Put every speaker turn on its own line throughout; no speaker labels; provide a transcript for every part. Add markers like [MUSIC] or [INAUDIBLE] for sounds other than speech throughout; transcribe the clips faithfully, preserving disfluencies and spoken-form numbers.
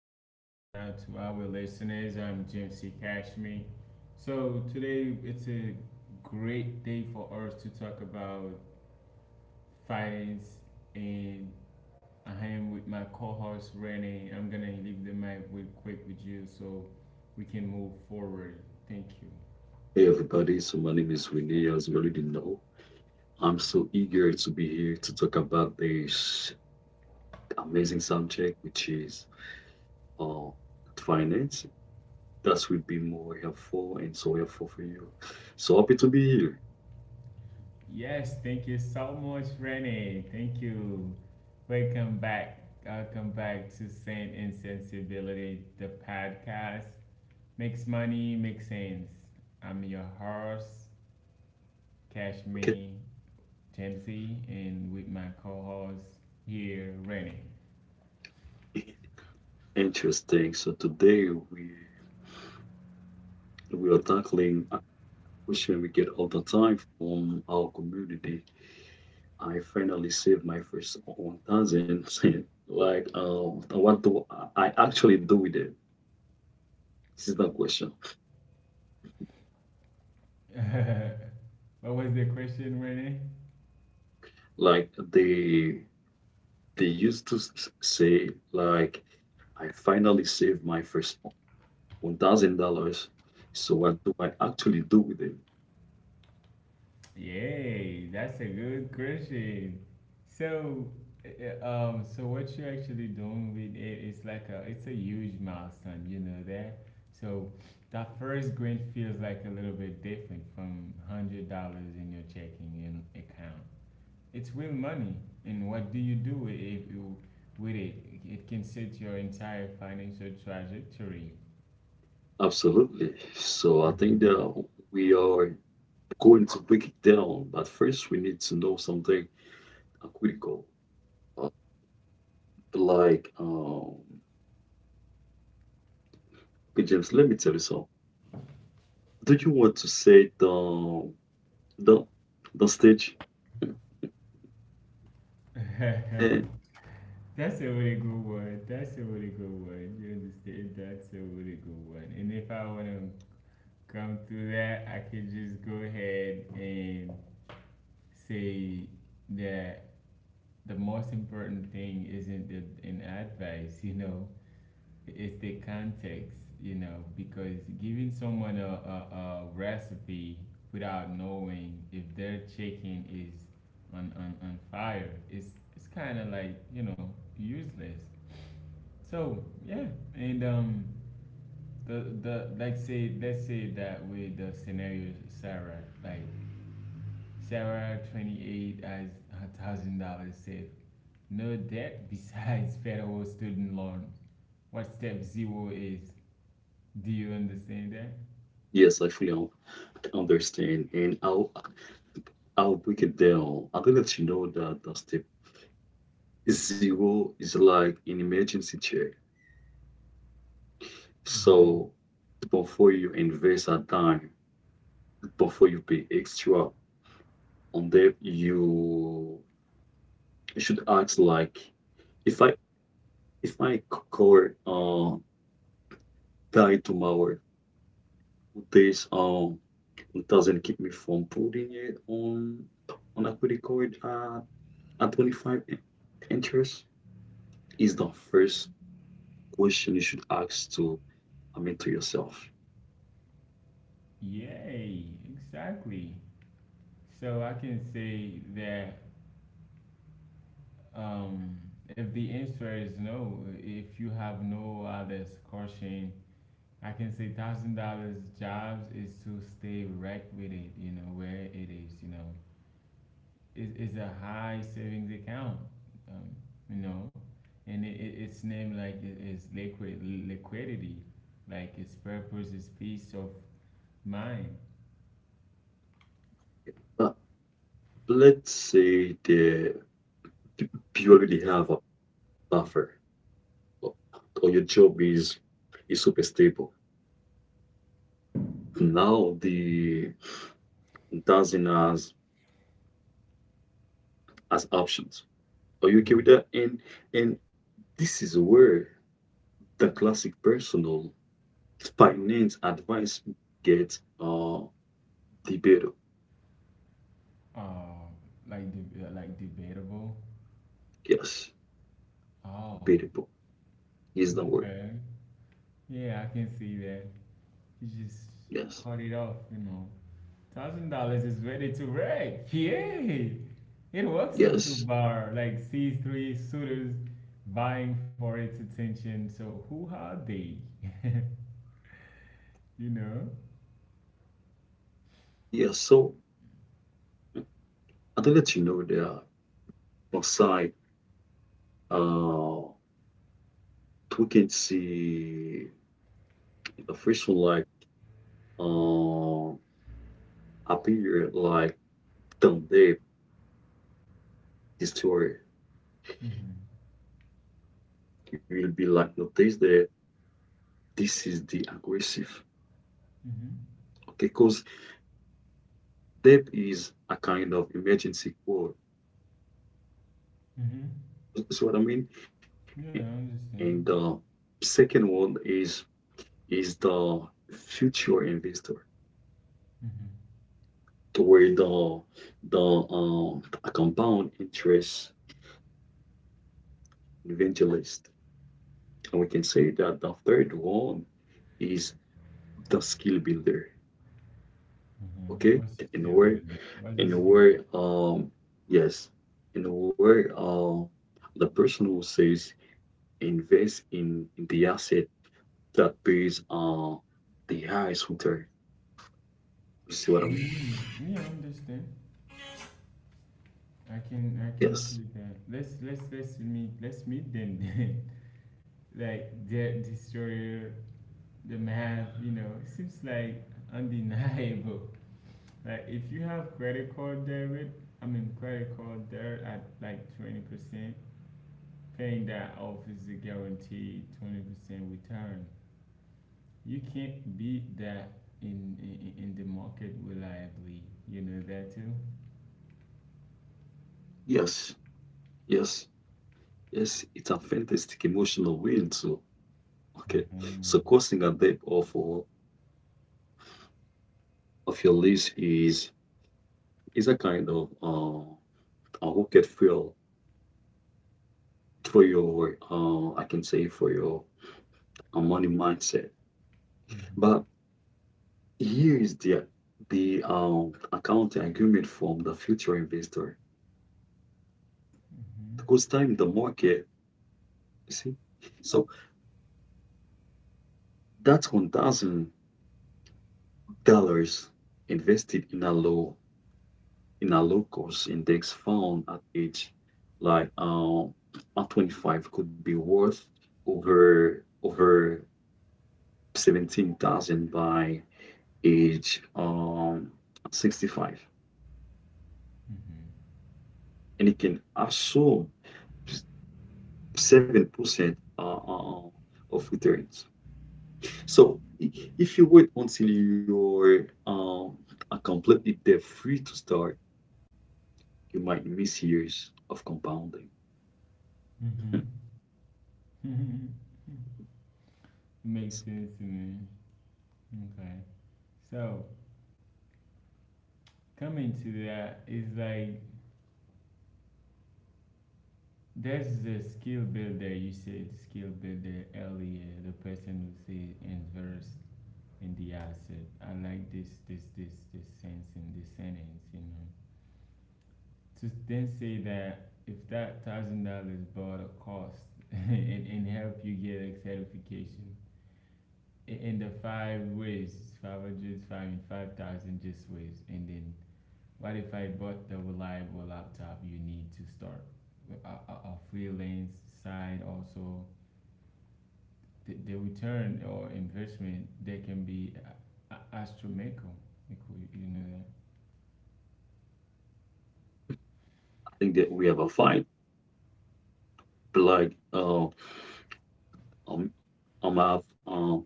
everyone. Now, to our listeners, I'm Jim C. Cashme. So, today, it's a great day for us to talk about finance, and I am with my co host, Renee. I'm gonna leave the mic real quick with you so we can move forward. Thank you.
Hey everybody, so my name is Winnie. As you already know, I'm so eager to be here to talk about this amazing subject, which is uh, finance. That will be more helpful and so helpful for you. So happy to be here.
Yes, thank you so much, Renee. Thank you. Welcome back. Welcome back to Saint and Sensibility, the podcast. Makes money, makes sense. I'm your host,
Okay,
Kashmi Dempsey, and with my co host here, Renee.
[LAUGHS] interesting. So today we we are tackling a question we get all the time from our community. I finally saved my first one thousand. [LAUGHS] Like, um, what do I I actually do with it? This is the question.
[LAUGHS] What was the question, Renee?
Like they they used to s- say, like, I finally saved my first one thousand dollars. So what do I actually do with it?
Yay, that's a good question. So, uh, um, so what you're actually doing with it is like a, it's a huge milestone, you know that. So, that first grant feels like a little bit different from hundred dollars in your checking in account. It's real money, and what do you do with it? If you, with it, it can set your entire financial trajectory.
Absolutely. So I think
Mhm.
that we are going to break it down, but first we need to know something uh, critical. Uh, like, um, okay, James, let me tell you something. Do you want to say the the the stage? And
[LAUGHS] That's a really good one. That's a really good one. You understand? That's a really good one. And if I want to come to that, I could just go ahead and say that the most important thing isn't the, an advice, [LAUGHS] you know, it's the context, you know, because giving someone a, a, a recipe without knowing if their chicken is on, on, on fire, it's, it's kind of like, you know, useless. So yeah, and um, the the like say, let's say that with the scenario Sarah, like Sarah twenty eight has a thousand dollars saved, no debt [LAUGHS] besides federal student loan. What step zero is? Do you understand that?
yes, I fully un- understand. And how I'll break it down. I will let you know that the step zero is like an emergency check.
Mm-hmm.
So before you invest a dime, before you pay extra on that, you you should ask, like, if I if my car uh die tomorrow, would this um doesn't keep me from putting it on on a credit card at at twenty five interest? Is the first question you should ask to, I mean, to yourself.
Yay, exactly. So I can say that um, if the answer is no, if you have no other caution, I can say thousand dollars jobs is to stay right with it, you know, where it is, you know. It's, it's a high savings account, um, you know, and it, it, it's named like it is liquid liquidity, like its purpose is peace of mind.
But let's say the you already have a buffer, or, or your job is is super stable. Now the doesn't has as options. Are you okay with
Hmm.
that? And and this is where the classic personal finance advice gets uh debatable.
Uh, like de- uh, like debatable.
Yes,
Oh,
debatable is the word.
okay. Yeah, I can see that. You just
Yes,
cut it off, you know. Thousand dollars is ready to wreck. Yeah. It works into
yes,
bar, like sees three suitors vying for its attention. So who are they? You know?
yes. So I don't let you know, there on side. Uh, we can see the first one, like, uh, appear like down there destroy.
Mhm.
You will be like notice that this is the aggressive.
Mhm.
Okay, because death is a kind of emergency call.
Mhm.
See what I mean?
Yeah, I
And
understand.
the second one is is the future investor,
Mhm.
to where the the um, a compound interest evangelist. And we can say that the third one is the skill builder.
Mhm.
Okay,
What's the
in
scale
where
bit there? What's the
in
scale builder?
where um yes, in where uh the person who says invest in, in the asset that pays uh the highest return. You see what I mean?
Mm, yeah, I understand. I can I can
Yes,
feel that. Let's let's let's meet let's meet them then. [LAUGHS] Like the destroyer, the map, you know, it seems like undeniable. Like if you have credit card debit, I mean credit card debt at like twenty percent, paying that off is a guaranteed twenty percent return. You can't beat that in, in in the market reliably. You know that too.
yes, yes, yes. It's a fantastic emotional win too. Okay,
Mhm.
so causing a depth of uh, of your list is is a kind of, uh, a rocket fuel for your, uh, I can say, for your uh, money mindset.
Mhm.
But here is the the um, accounting argument from the future investor because time the market, you see. So that's one thousand dollars invested in a low in a low cost index fund at age, like um at twenty-five, could be worth over over seventeen thousand by age, um sixty-five,
Mhm.
and it can assume seven percent uh, uh, uh, of returns. So if you wait until you're um, uh, completely debt free to start, you might miss years of compounding. [LAUGHS]
Mhm. Mhm. [LAUGHS]
Yes,
Makes sense to me. Okay. So coming to that is like, there's the skill builder. You said skill builder earlier. The person who said invest in the asset. I like this, this, this, this sense in this sentence. You know, to then say that if that thousand dollars bought a cost [LAUGHS] and, and help you get a certification in the five ways, five hundred, five and five thousand, just ways. And then, what if I bought the reliable laptop you need to start a, a, a freelance side also? the, the return or investment they can be a- a- astronomical. You you know that.
I think that we have a fight, like, uh, um, a math, um,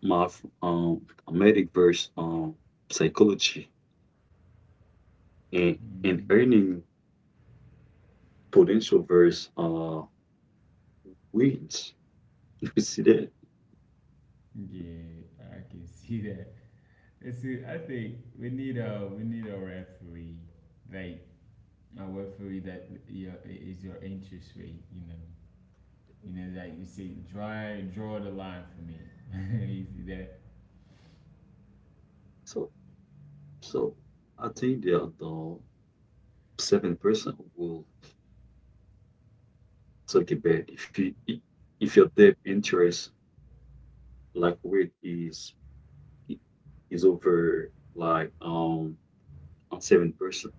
math, um, a medic versus, um, psychology, and and
Mm.
earning potential versus uh wins. [LAUGHS] You see that?
Yeah, I can [LAUGHS] see that. And see, I think we need a we need a referee, like a referee that your is your interest rate. You know, you know, like you say, draw draw the line for me. [LAUGHS] You see that?
So, so I think the the seven percent will talk about if you i- if your debt interest, like, rate is is over, like um seven percent,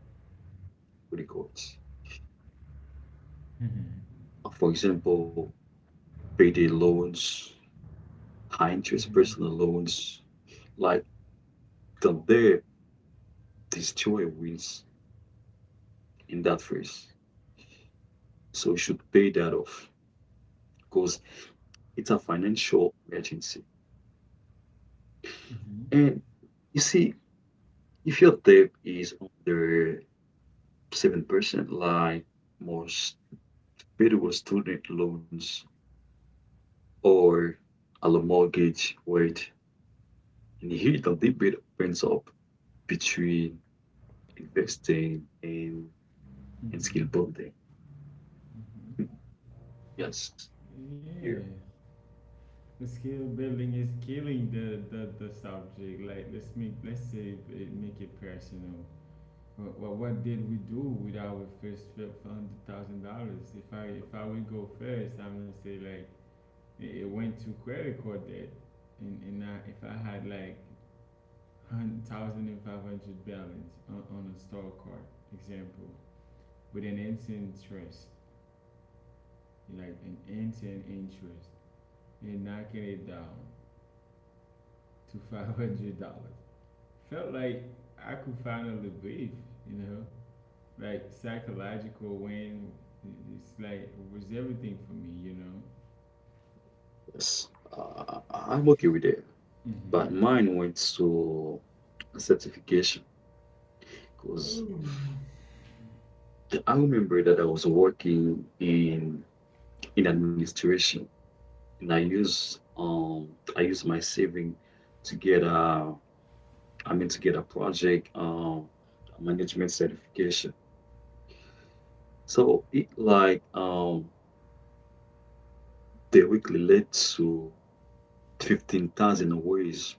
what it calls.
Mhm.
For example, payday loans, high interest
Mhm.
personal loans, like the debt destroy wins in that phrase. So we should pay that off because it's a financial emergency.
Mhm.
And you see, if your debt is under seven percent, like most federal student loans or a low mortgage rate, and here the debate opens up between investing and, and skill
Mhm.
building. [LAUGHS]
Mhm.
Yes, yeah,
Yeah, the skill building is killing the, the, the subject. Like let's make, let's say it, make it personal. Well, what, did we do with our first hundred thousand dollars? If I, if I would go first, I'm gonna say like it, it went to credit card debt, and and I, if I had like one thousand and five hundred balance on, on a store card, example, with an instant interest, like an instant interest, and knocking it down to five hundred dollars felt like I could finally breathe, you know, like psychological when it's like it was everything for me, you
yes. Uh, I- am okay with it.
know.
But mine went to a certification. Because the, I remember that I was working in in administration and I use um I use my saving to get a, I mean, to get a project um management certification. So it like, um directly led to fifteen thousand ways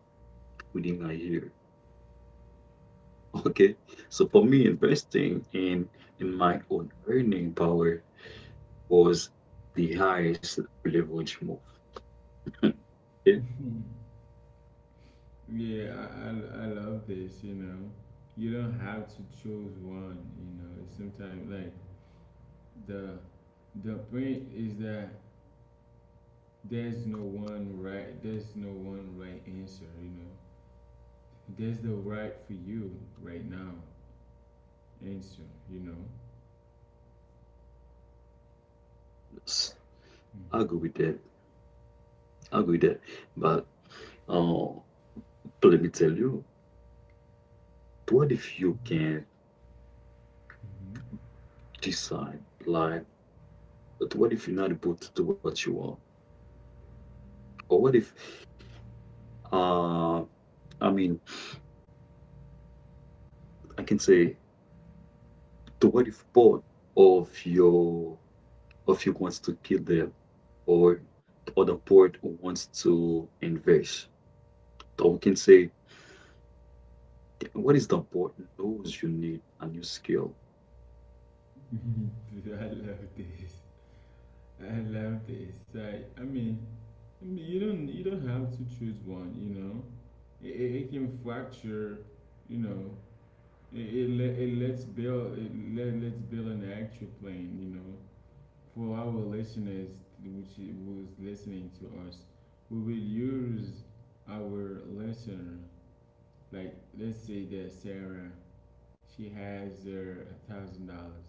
within a year. [LAUGHS] Okay. So for me investing in in my own earning power was the highest leverage move. [LAUGHS] Yeah.
Hmm. [LAUGHS] Yeah, I, I, I love this, you know. You don't have to choose one, you know. It's sometimes like the the point is that there's no one right there's no one right answer, you know. There's the right for you right now answer, you know.
I'll
Hmm.
go with that. I'll go with that. But uh, let me tell you, what if you can decide? Like, but what if you're not able to do what you want? Or what if, uh, I mean, I can say, the what if part of your of you wants to kill them, or or the port wants to invest. Or we can say, what is the port knows you need a new skill?
[LAUGHS] I love this. I love this. I, I mean, I mean, you don't, you don't have to choose one. You know, it, it, it can fracture. You know, it, it, let, it lets build, it let, let's build an actual plane. You know, for our listeners, which I- was listening to us, we will use our listener. Like, let's say that Sarah, she has her a thousand dollars.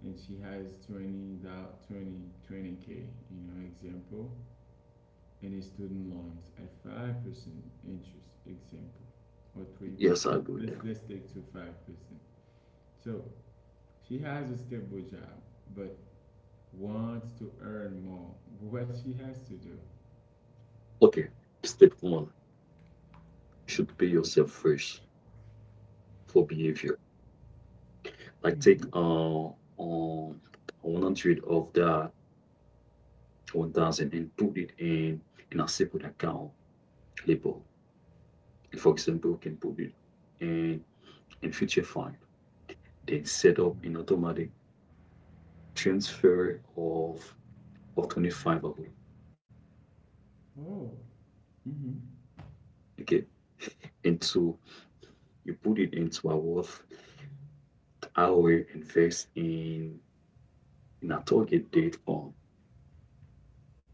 And she has twenty dou- twenty k you know example and a student loans at five percent interest example or
Yes, I
three percent,
agree
let's
that.
let's take to five percent, so she has a stable job but wants to earn more. What she has to do?
Okay, step one. Should pay yourself first for behavior. Like, take
Mm-hmm.
uh um one hundred of that one thousand and put it in in a separate account label. For example, you can put it in in future fund. Then set up
Mm-hmm.
an automatic transfer of of twenty five of it.
Oh, mm-hmm.
Okay. Into, you put it into a worth hour, invest in in a target date fund.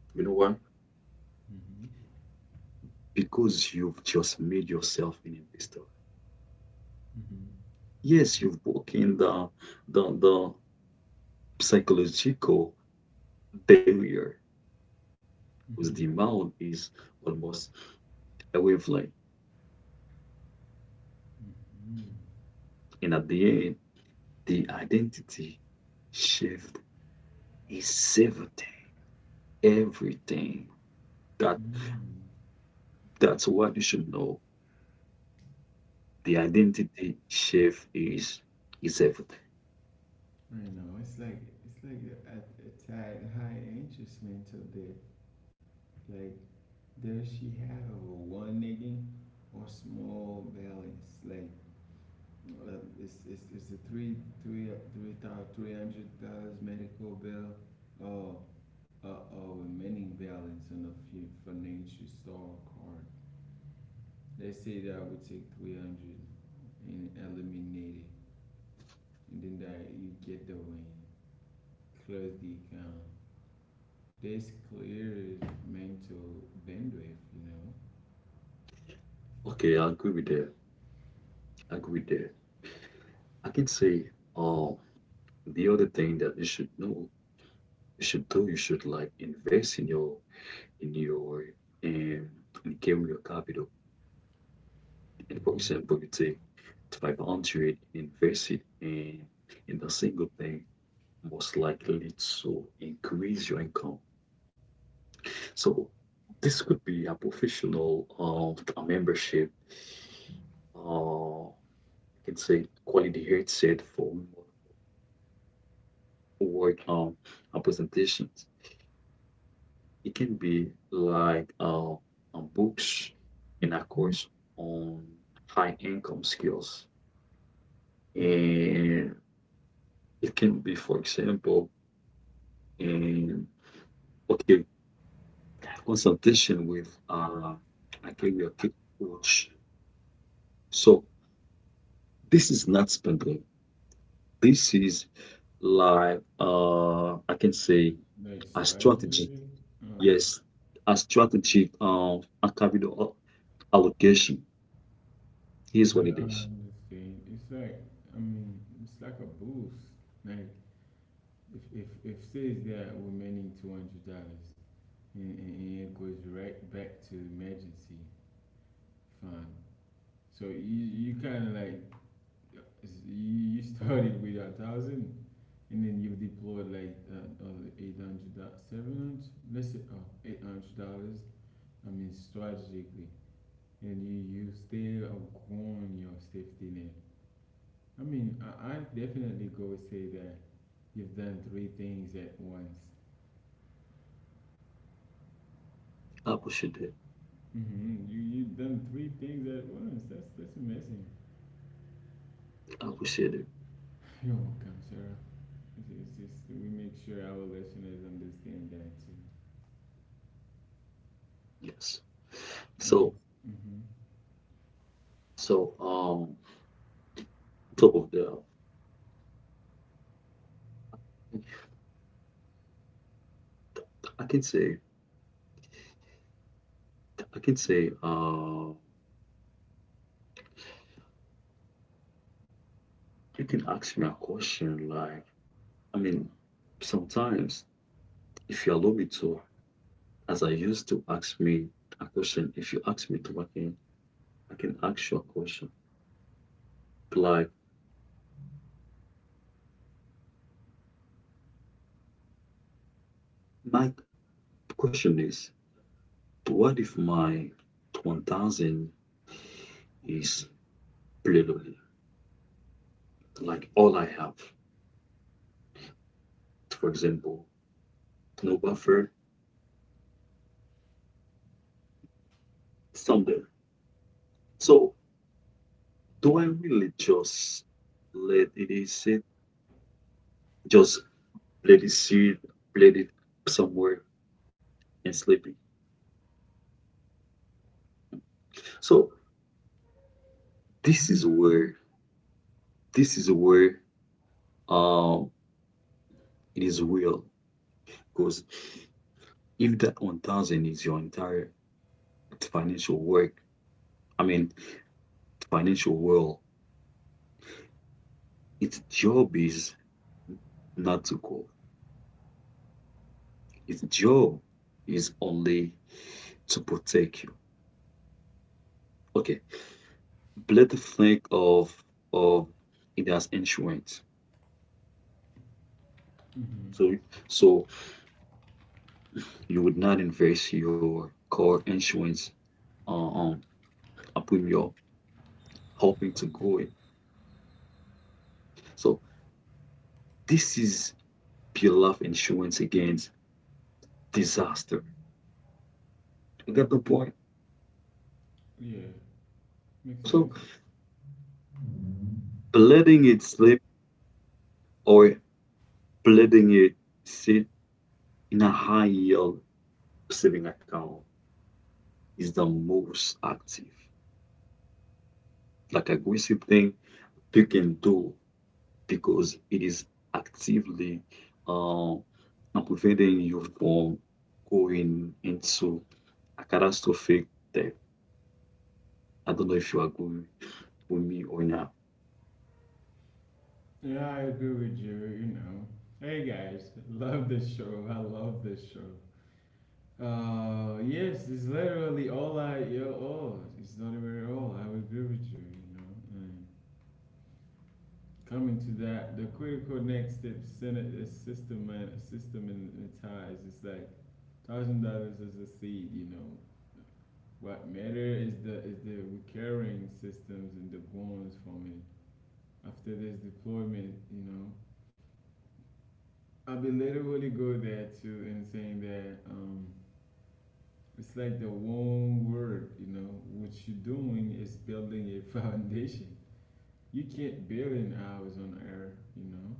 You know why?
Mm-hmm.
Because you've just made yourself an investor.
Mm-hmm.
Yes, you've broken the the the psychological barrier because the
Mm-hmm.
amount is almost a wavelength.
Mm-hmm.
And at the end, the identity shift is everything. Everything. That
Mm-hmm.
that's what you should know. The identity shift is is everything.
I know it's like it's like at a tad high interest mental there. Like does she have a one nigga or small balance? Like uh, it's it's it's a three three three thousand three hundred dollars medical bill or uh, or remaining balance on a few financial store card. Let's say that I would take three hundred and eliminate it, and then that you get the win. Close the account. This clear is mental bandwidth, you know.
Okay, I agree with that. I agree with that. I can say, um the other thing that you should know, you should do, you should, like, invest in your, in ndio, in Nkem, your capital, and for
Hmm.
example you take five hundred and invest it in in a single thing most likely to increase your income. So this could be a professional, uh, a membership, uh, I can say, quality headset for remote work, um uh, presentations. It can be like, uh, uh, books and a course on high income skills.
Hmm.
And it can be, for example, um, okay, consultation with uh, a career coach. So this is not spending. This is, like, uh, I can say,
Like
a strategy.
strategy, oh,
Yes, a strategy. Um, a capital allocation. Here's what
yeah.
it is.
Thing. It's like, I mean, it's like a boost. Like if if if says that we're meaning two hundred dollars, and, and and it goes right back to emergency fund. So you you kind of like, you you started with a thousand, and then you have deployed like uh, uh, eight hundred seven hundred. Let's say oh, eight hundred dollars, I mean, strategically, and you, you still outgrown your safety net. I mean, I, I definitely go say that you've done three things at once.
I appreciate it.
Hmm. You you've done three things at once. That's that's amazing.
I appreciate it.
[LAUGHS] You're welcome, Sarah. It's, it's just we make sure our listeners understand that too,
Yes.
and
So
it's hmm
so um top of the, I can say I can say uh you can ask me a question, like, I mean, sometimes, if you allow me to, as I used to ask me a question, if you ask me to again, I can ask you a question. Like, my question is, what if my one thousand is plenty, like all I have? For example, no buffer somewhere. So do I really just let it sit, just let it sit, let it somewhere and sleeping? So this is where this is where um it is real because if that one thousand is your entire financial work, I mean financial world, its job is not to go. Its job is only to protect you. Okay, Blade think of of it as insurance.
hmm
So so you would not invest your car insurance, uh, um a your hoping to grow it. So this is pure life insurance against disaster. You get the point?
yeah, makes
So
sense.
letting it slip, or letting it sit in a high yield saving account, is the most active, like aggressive thing you can do, because it is actively uh, preventing you from going into a catastrophic debt. I don't know if you agree with me or not.
Yeah, I agree with you. You know, hey guys, love the show. I love the show. Uh, yes, it's literally all I, yo, all. It's not even all. I would agree with you, you know. And coming to that, the critical next step Senate is system man, systematized. It's like thousand dollars is a seed, you know. What matter is the is the recurring systems and the bonds from it. After this deployment, you know, I will literally go there too and saying that. Um, It's like the one word, you know, what you're doing is building a [LAUGHS] foundation. You can't build in hours on air, you know.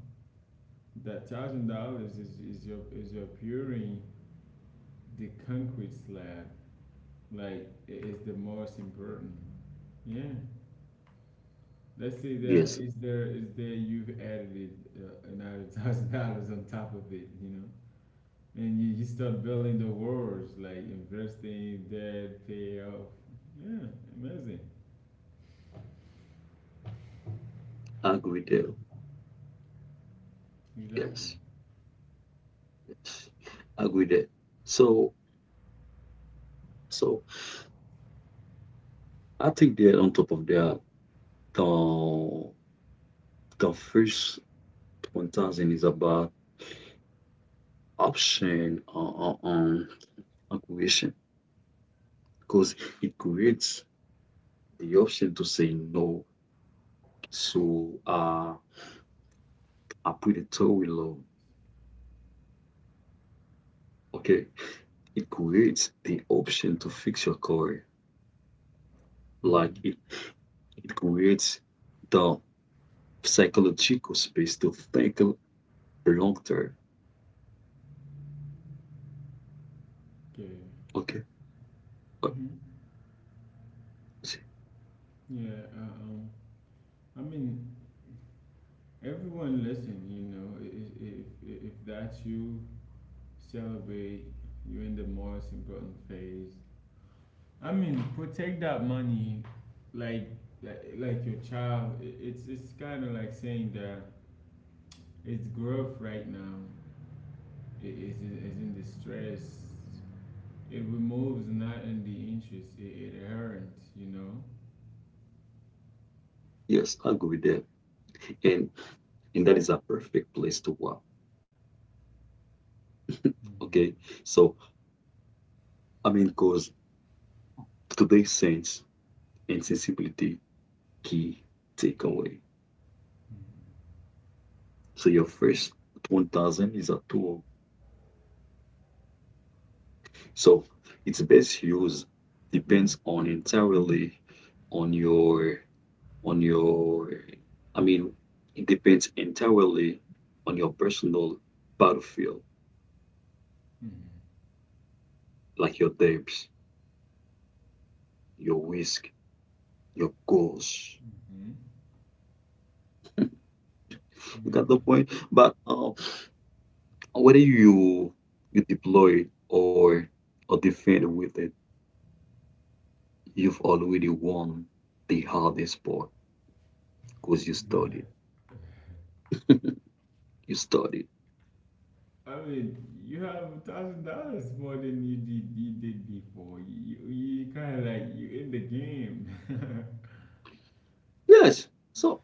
That thousand dollars is, is your is your pouring the concrete slab. Like it is the most important. Yeah. Let's say that
Yes,
is there is there you've added uh, another [LAUGHS] thousand dollars on top of it, you know, and you, you start building the walls like investing, debt, pay off. Yeah, amazing.
I agree there.
Exactly.
Yes, yes, I agree there. So, so I think that on top of that, the the first one thousand is about option, uh, uh, um, acquisition because it creates the option to say no. So, uh, I put a towel on. Okay. It creates the option to fix your career. Like,
Mhm.
it, it creates the psychological space to think a long term.
Yeah.
Okay. Uh,
Hmm. Yeah. uh, Um. I mean, everyone listen. You know, i- i- if I- if that's you, celebrate. You're in the most important phase. I mean, protect that money, like like like your child. I- It's it's kind of like saying that its growth right now i- is in- is in distress. It removes not in the interest. It, it earns. You know.
Yes, I'll go with that. And and that is a perfect place to work. Okay.
Mm-hmm.
So I mean, because today's sense and sensibility key takeaway.
Mm-hmm.
So your first one thousand is a tool. So its best use depends on entirely on your, on your I mean, it depends entirely on your personal battlefield, like your depths, your risk, your goals.
Mm-hmm.
You
Yeah,
got the point? But uh, whether you you deploy or or defend with it, you've already won the hardest part because you studied. You studied.
I mean, you have a thousand dollars more than you did you did before. You you kind of like you in the game.
Yes. So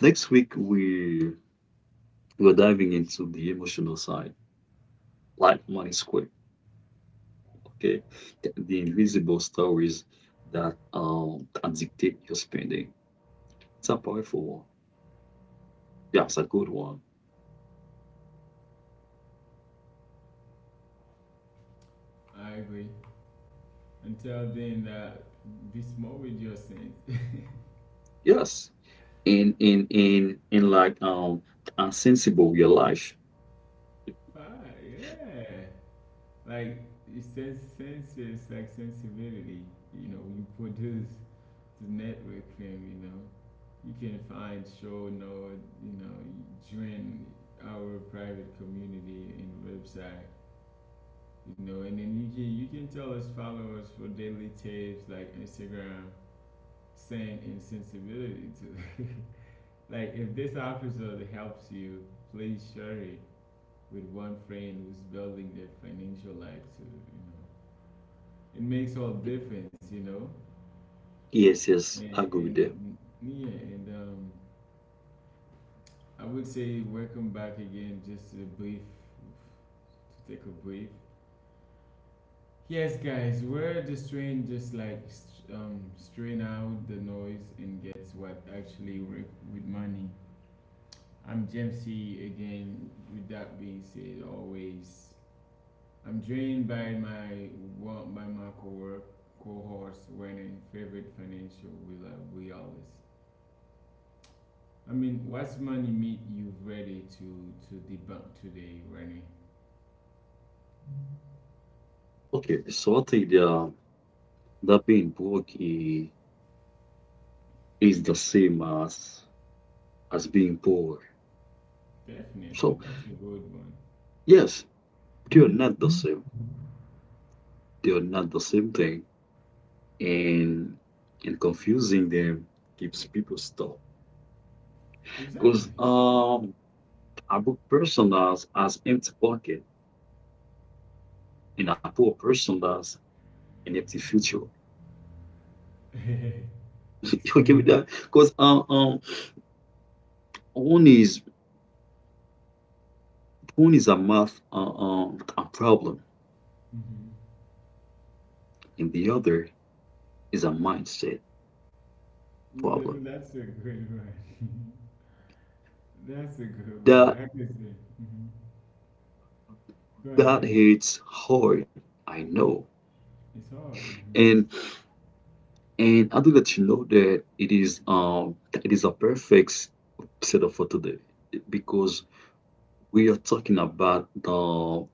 next week, we We're diving into the emotional side, like money square, okay? The, the invisible stories that um can dictate your spending. It's a powerful one. Yeah, it's a good one.
[LAUGHS] I agree. Until then, uh, be smart with your sense. [LAUGHS]
Yes. In in in in like, um unsensible real life.
Ah, yeah. Like it's sense, senses, like sensibility. You know, you produce the network film. You know, you can find show note. You know, join our private community and website. You know, and then you can you can tell us followers for daily tips like Instagram, send insensibility too. [LAUGHS] Like if this episode helps you, please share it with one friend who's building their financial life too. You know, it makes all difference. You know,
Yes, yes,
and,
I agree with them.
and yeah, and um, I would say welcome back again. Just a brief to take a brief. Yes, guys, where the strain just like st- um, strain out the noise and gets what actually work with money. I'm James C again. With that being said, always I'm drained by my work by my co-work cohorts when favorite financial will uh, we always. I mean, what's money meet you ready to to debunk today, Renee?
Okay, so I think the that being broke is, is the same as as being poor.
Definitely,
So
that's a good one.
yes, they are not the same. They are not the same thing, and and confusing them keeps people stuck.
Exactly.
Because, um, a broke person has has empty pocket, and a poor person has an empty future. [LAUGHS]
[LAUGHS]
You okay
Explain
with
that.
that? Because, um, um, one is one is a math, uh, um a problem,
Hmm.
and the other is a mindset
Th-
problem.
that's a good one. [LAUGHS] That's a good one.
That
I can say. Hmm. Go
that
ahead.
hits hard, I know,
It's hard. Hmm.
and And I think let you know that it is um it is a perfect setup for today because we are talking about the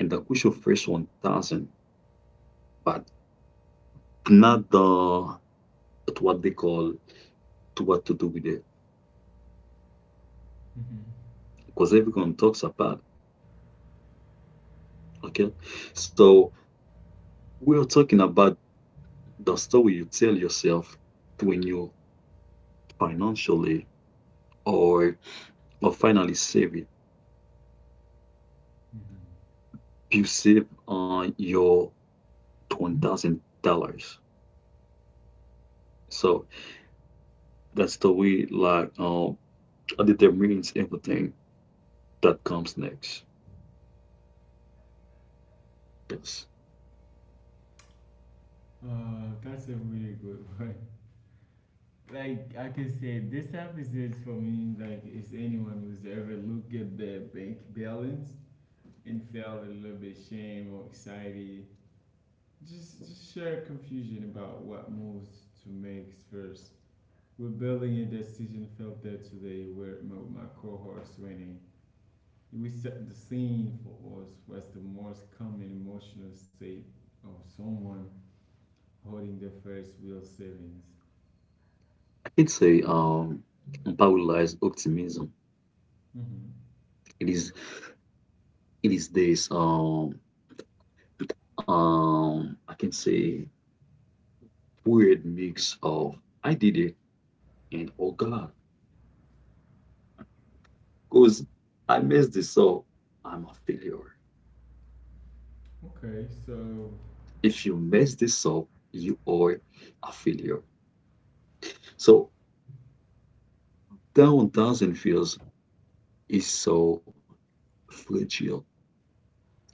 and the crucial first one thousand, but not the to what they call to what to do with it
Hmm.
because everyone talks about okay. So we are talking about the story you tell yourself when you financially or or finally save it.
Hmm.
You save, uh, your one thousand dollars. So that's the way, like, um, it determines everything that comes next. Yes,
Uh, that's a really good [LAUGHS] one. Like I can say, this episode for me, like, is anyone who's ever looked at their bank balance and felt a little bit shame or anxiety, just just share confusion about what moves to make first. We're building a decision filter today with my, my co-host Renee. We set the scene for us was the most common emotional state of someone holding their first real savings.
I can say, um, unparalleled optimism.
Mm-hmm.
It is, it is this, um, um, I can say, weird mix of I did it and, oh God, cause I messed this up. I'm a failure.
Okay, so
If you mess this up, you are a failure. So down thousand feels is so fragile.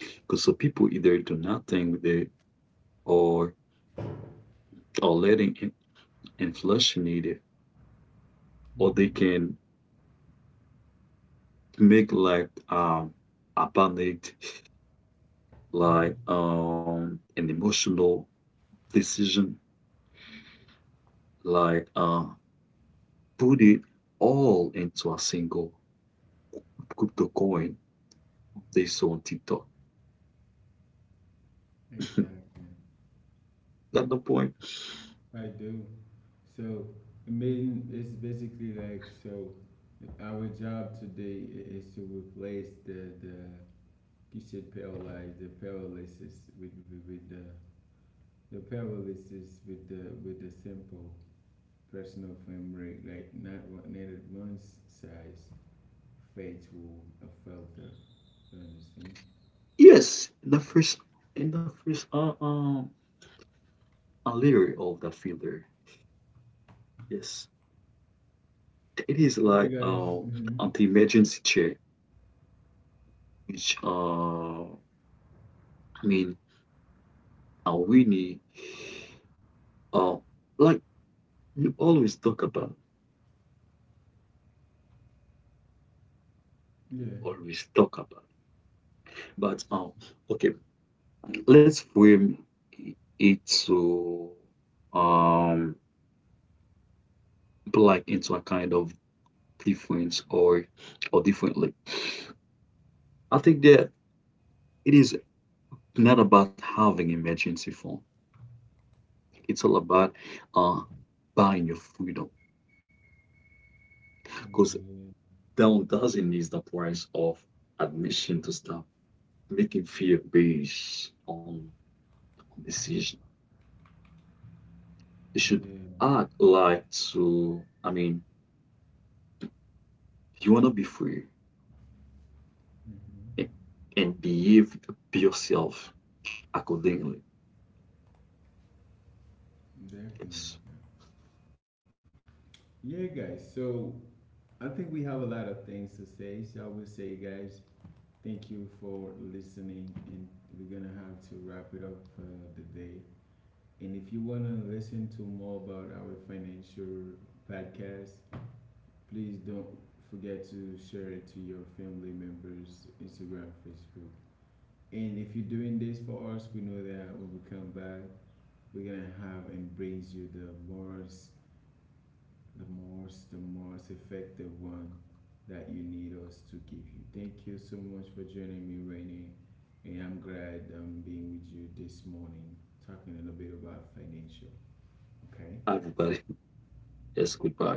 Because so people either do nothing with it, or or letting, in- inflation eat it, or they
mhm,
can make, like, um a panicked, like, um an emotional decision, like, uh put it all into a single crypto coin they saw on TikTok. [LAUGHS]
exactly,
That's the point.
I do. So it mean it's basically like so. Our job today i- is to replace the the you said paralyzed the paralysis with with, with the the paralysis with the with the simple personal framework, like not what neither one size fits will affect the you understand?
Yes, in the first in the first uh um a layer of that filter. Yes. It is,
Okay
like,
guys.
um
Mm-hmm.
an emergency check, which, uh I mean, uh, Winnie, uh like, you always talk about you
Yeah.
always talk about but, um okay, let's frame it to um like into a kind of difference, or or differently. I think that it is not about having emergency fund. It's all about uh buying your freedom because down doesn't need the price of admission to start. Making fear based on on decision. You should
Yeah. Yeah.
act like to, I mean, you wanna be free, and,
Mm-hmm.
and behave yourself accordingly. Yes,
Definitely. Yeah guys, so I think we have a lot of things to say. So I will say guys, thank you for listening and we're gonna have to wrap it up for uh, the day. And if you wanna listen to more about our financial podcast, please don't forget to share it to your family members, Instagram, Facebook. And if you're doing this for us, we know that when we come back, we're gonna have and brings you the most, the most, the most effective one that you need us to give you. Thank you so much for joining me, Renee. And I'm glad I'm being with you this morning, talking a little bit about financial. Okay.
everybody. Yes, goodbye.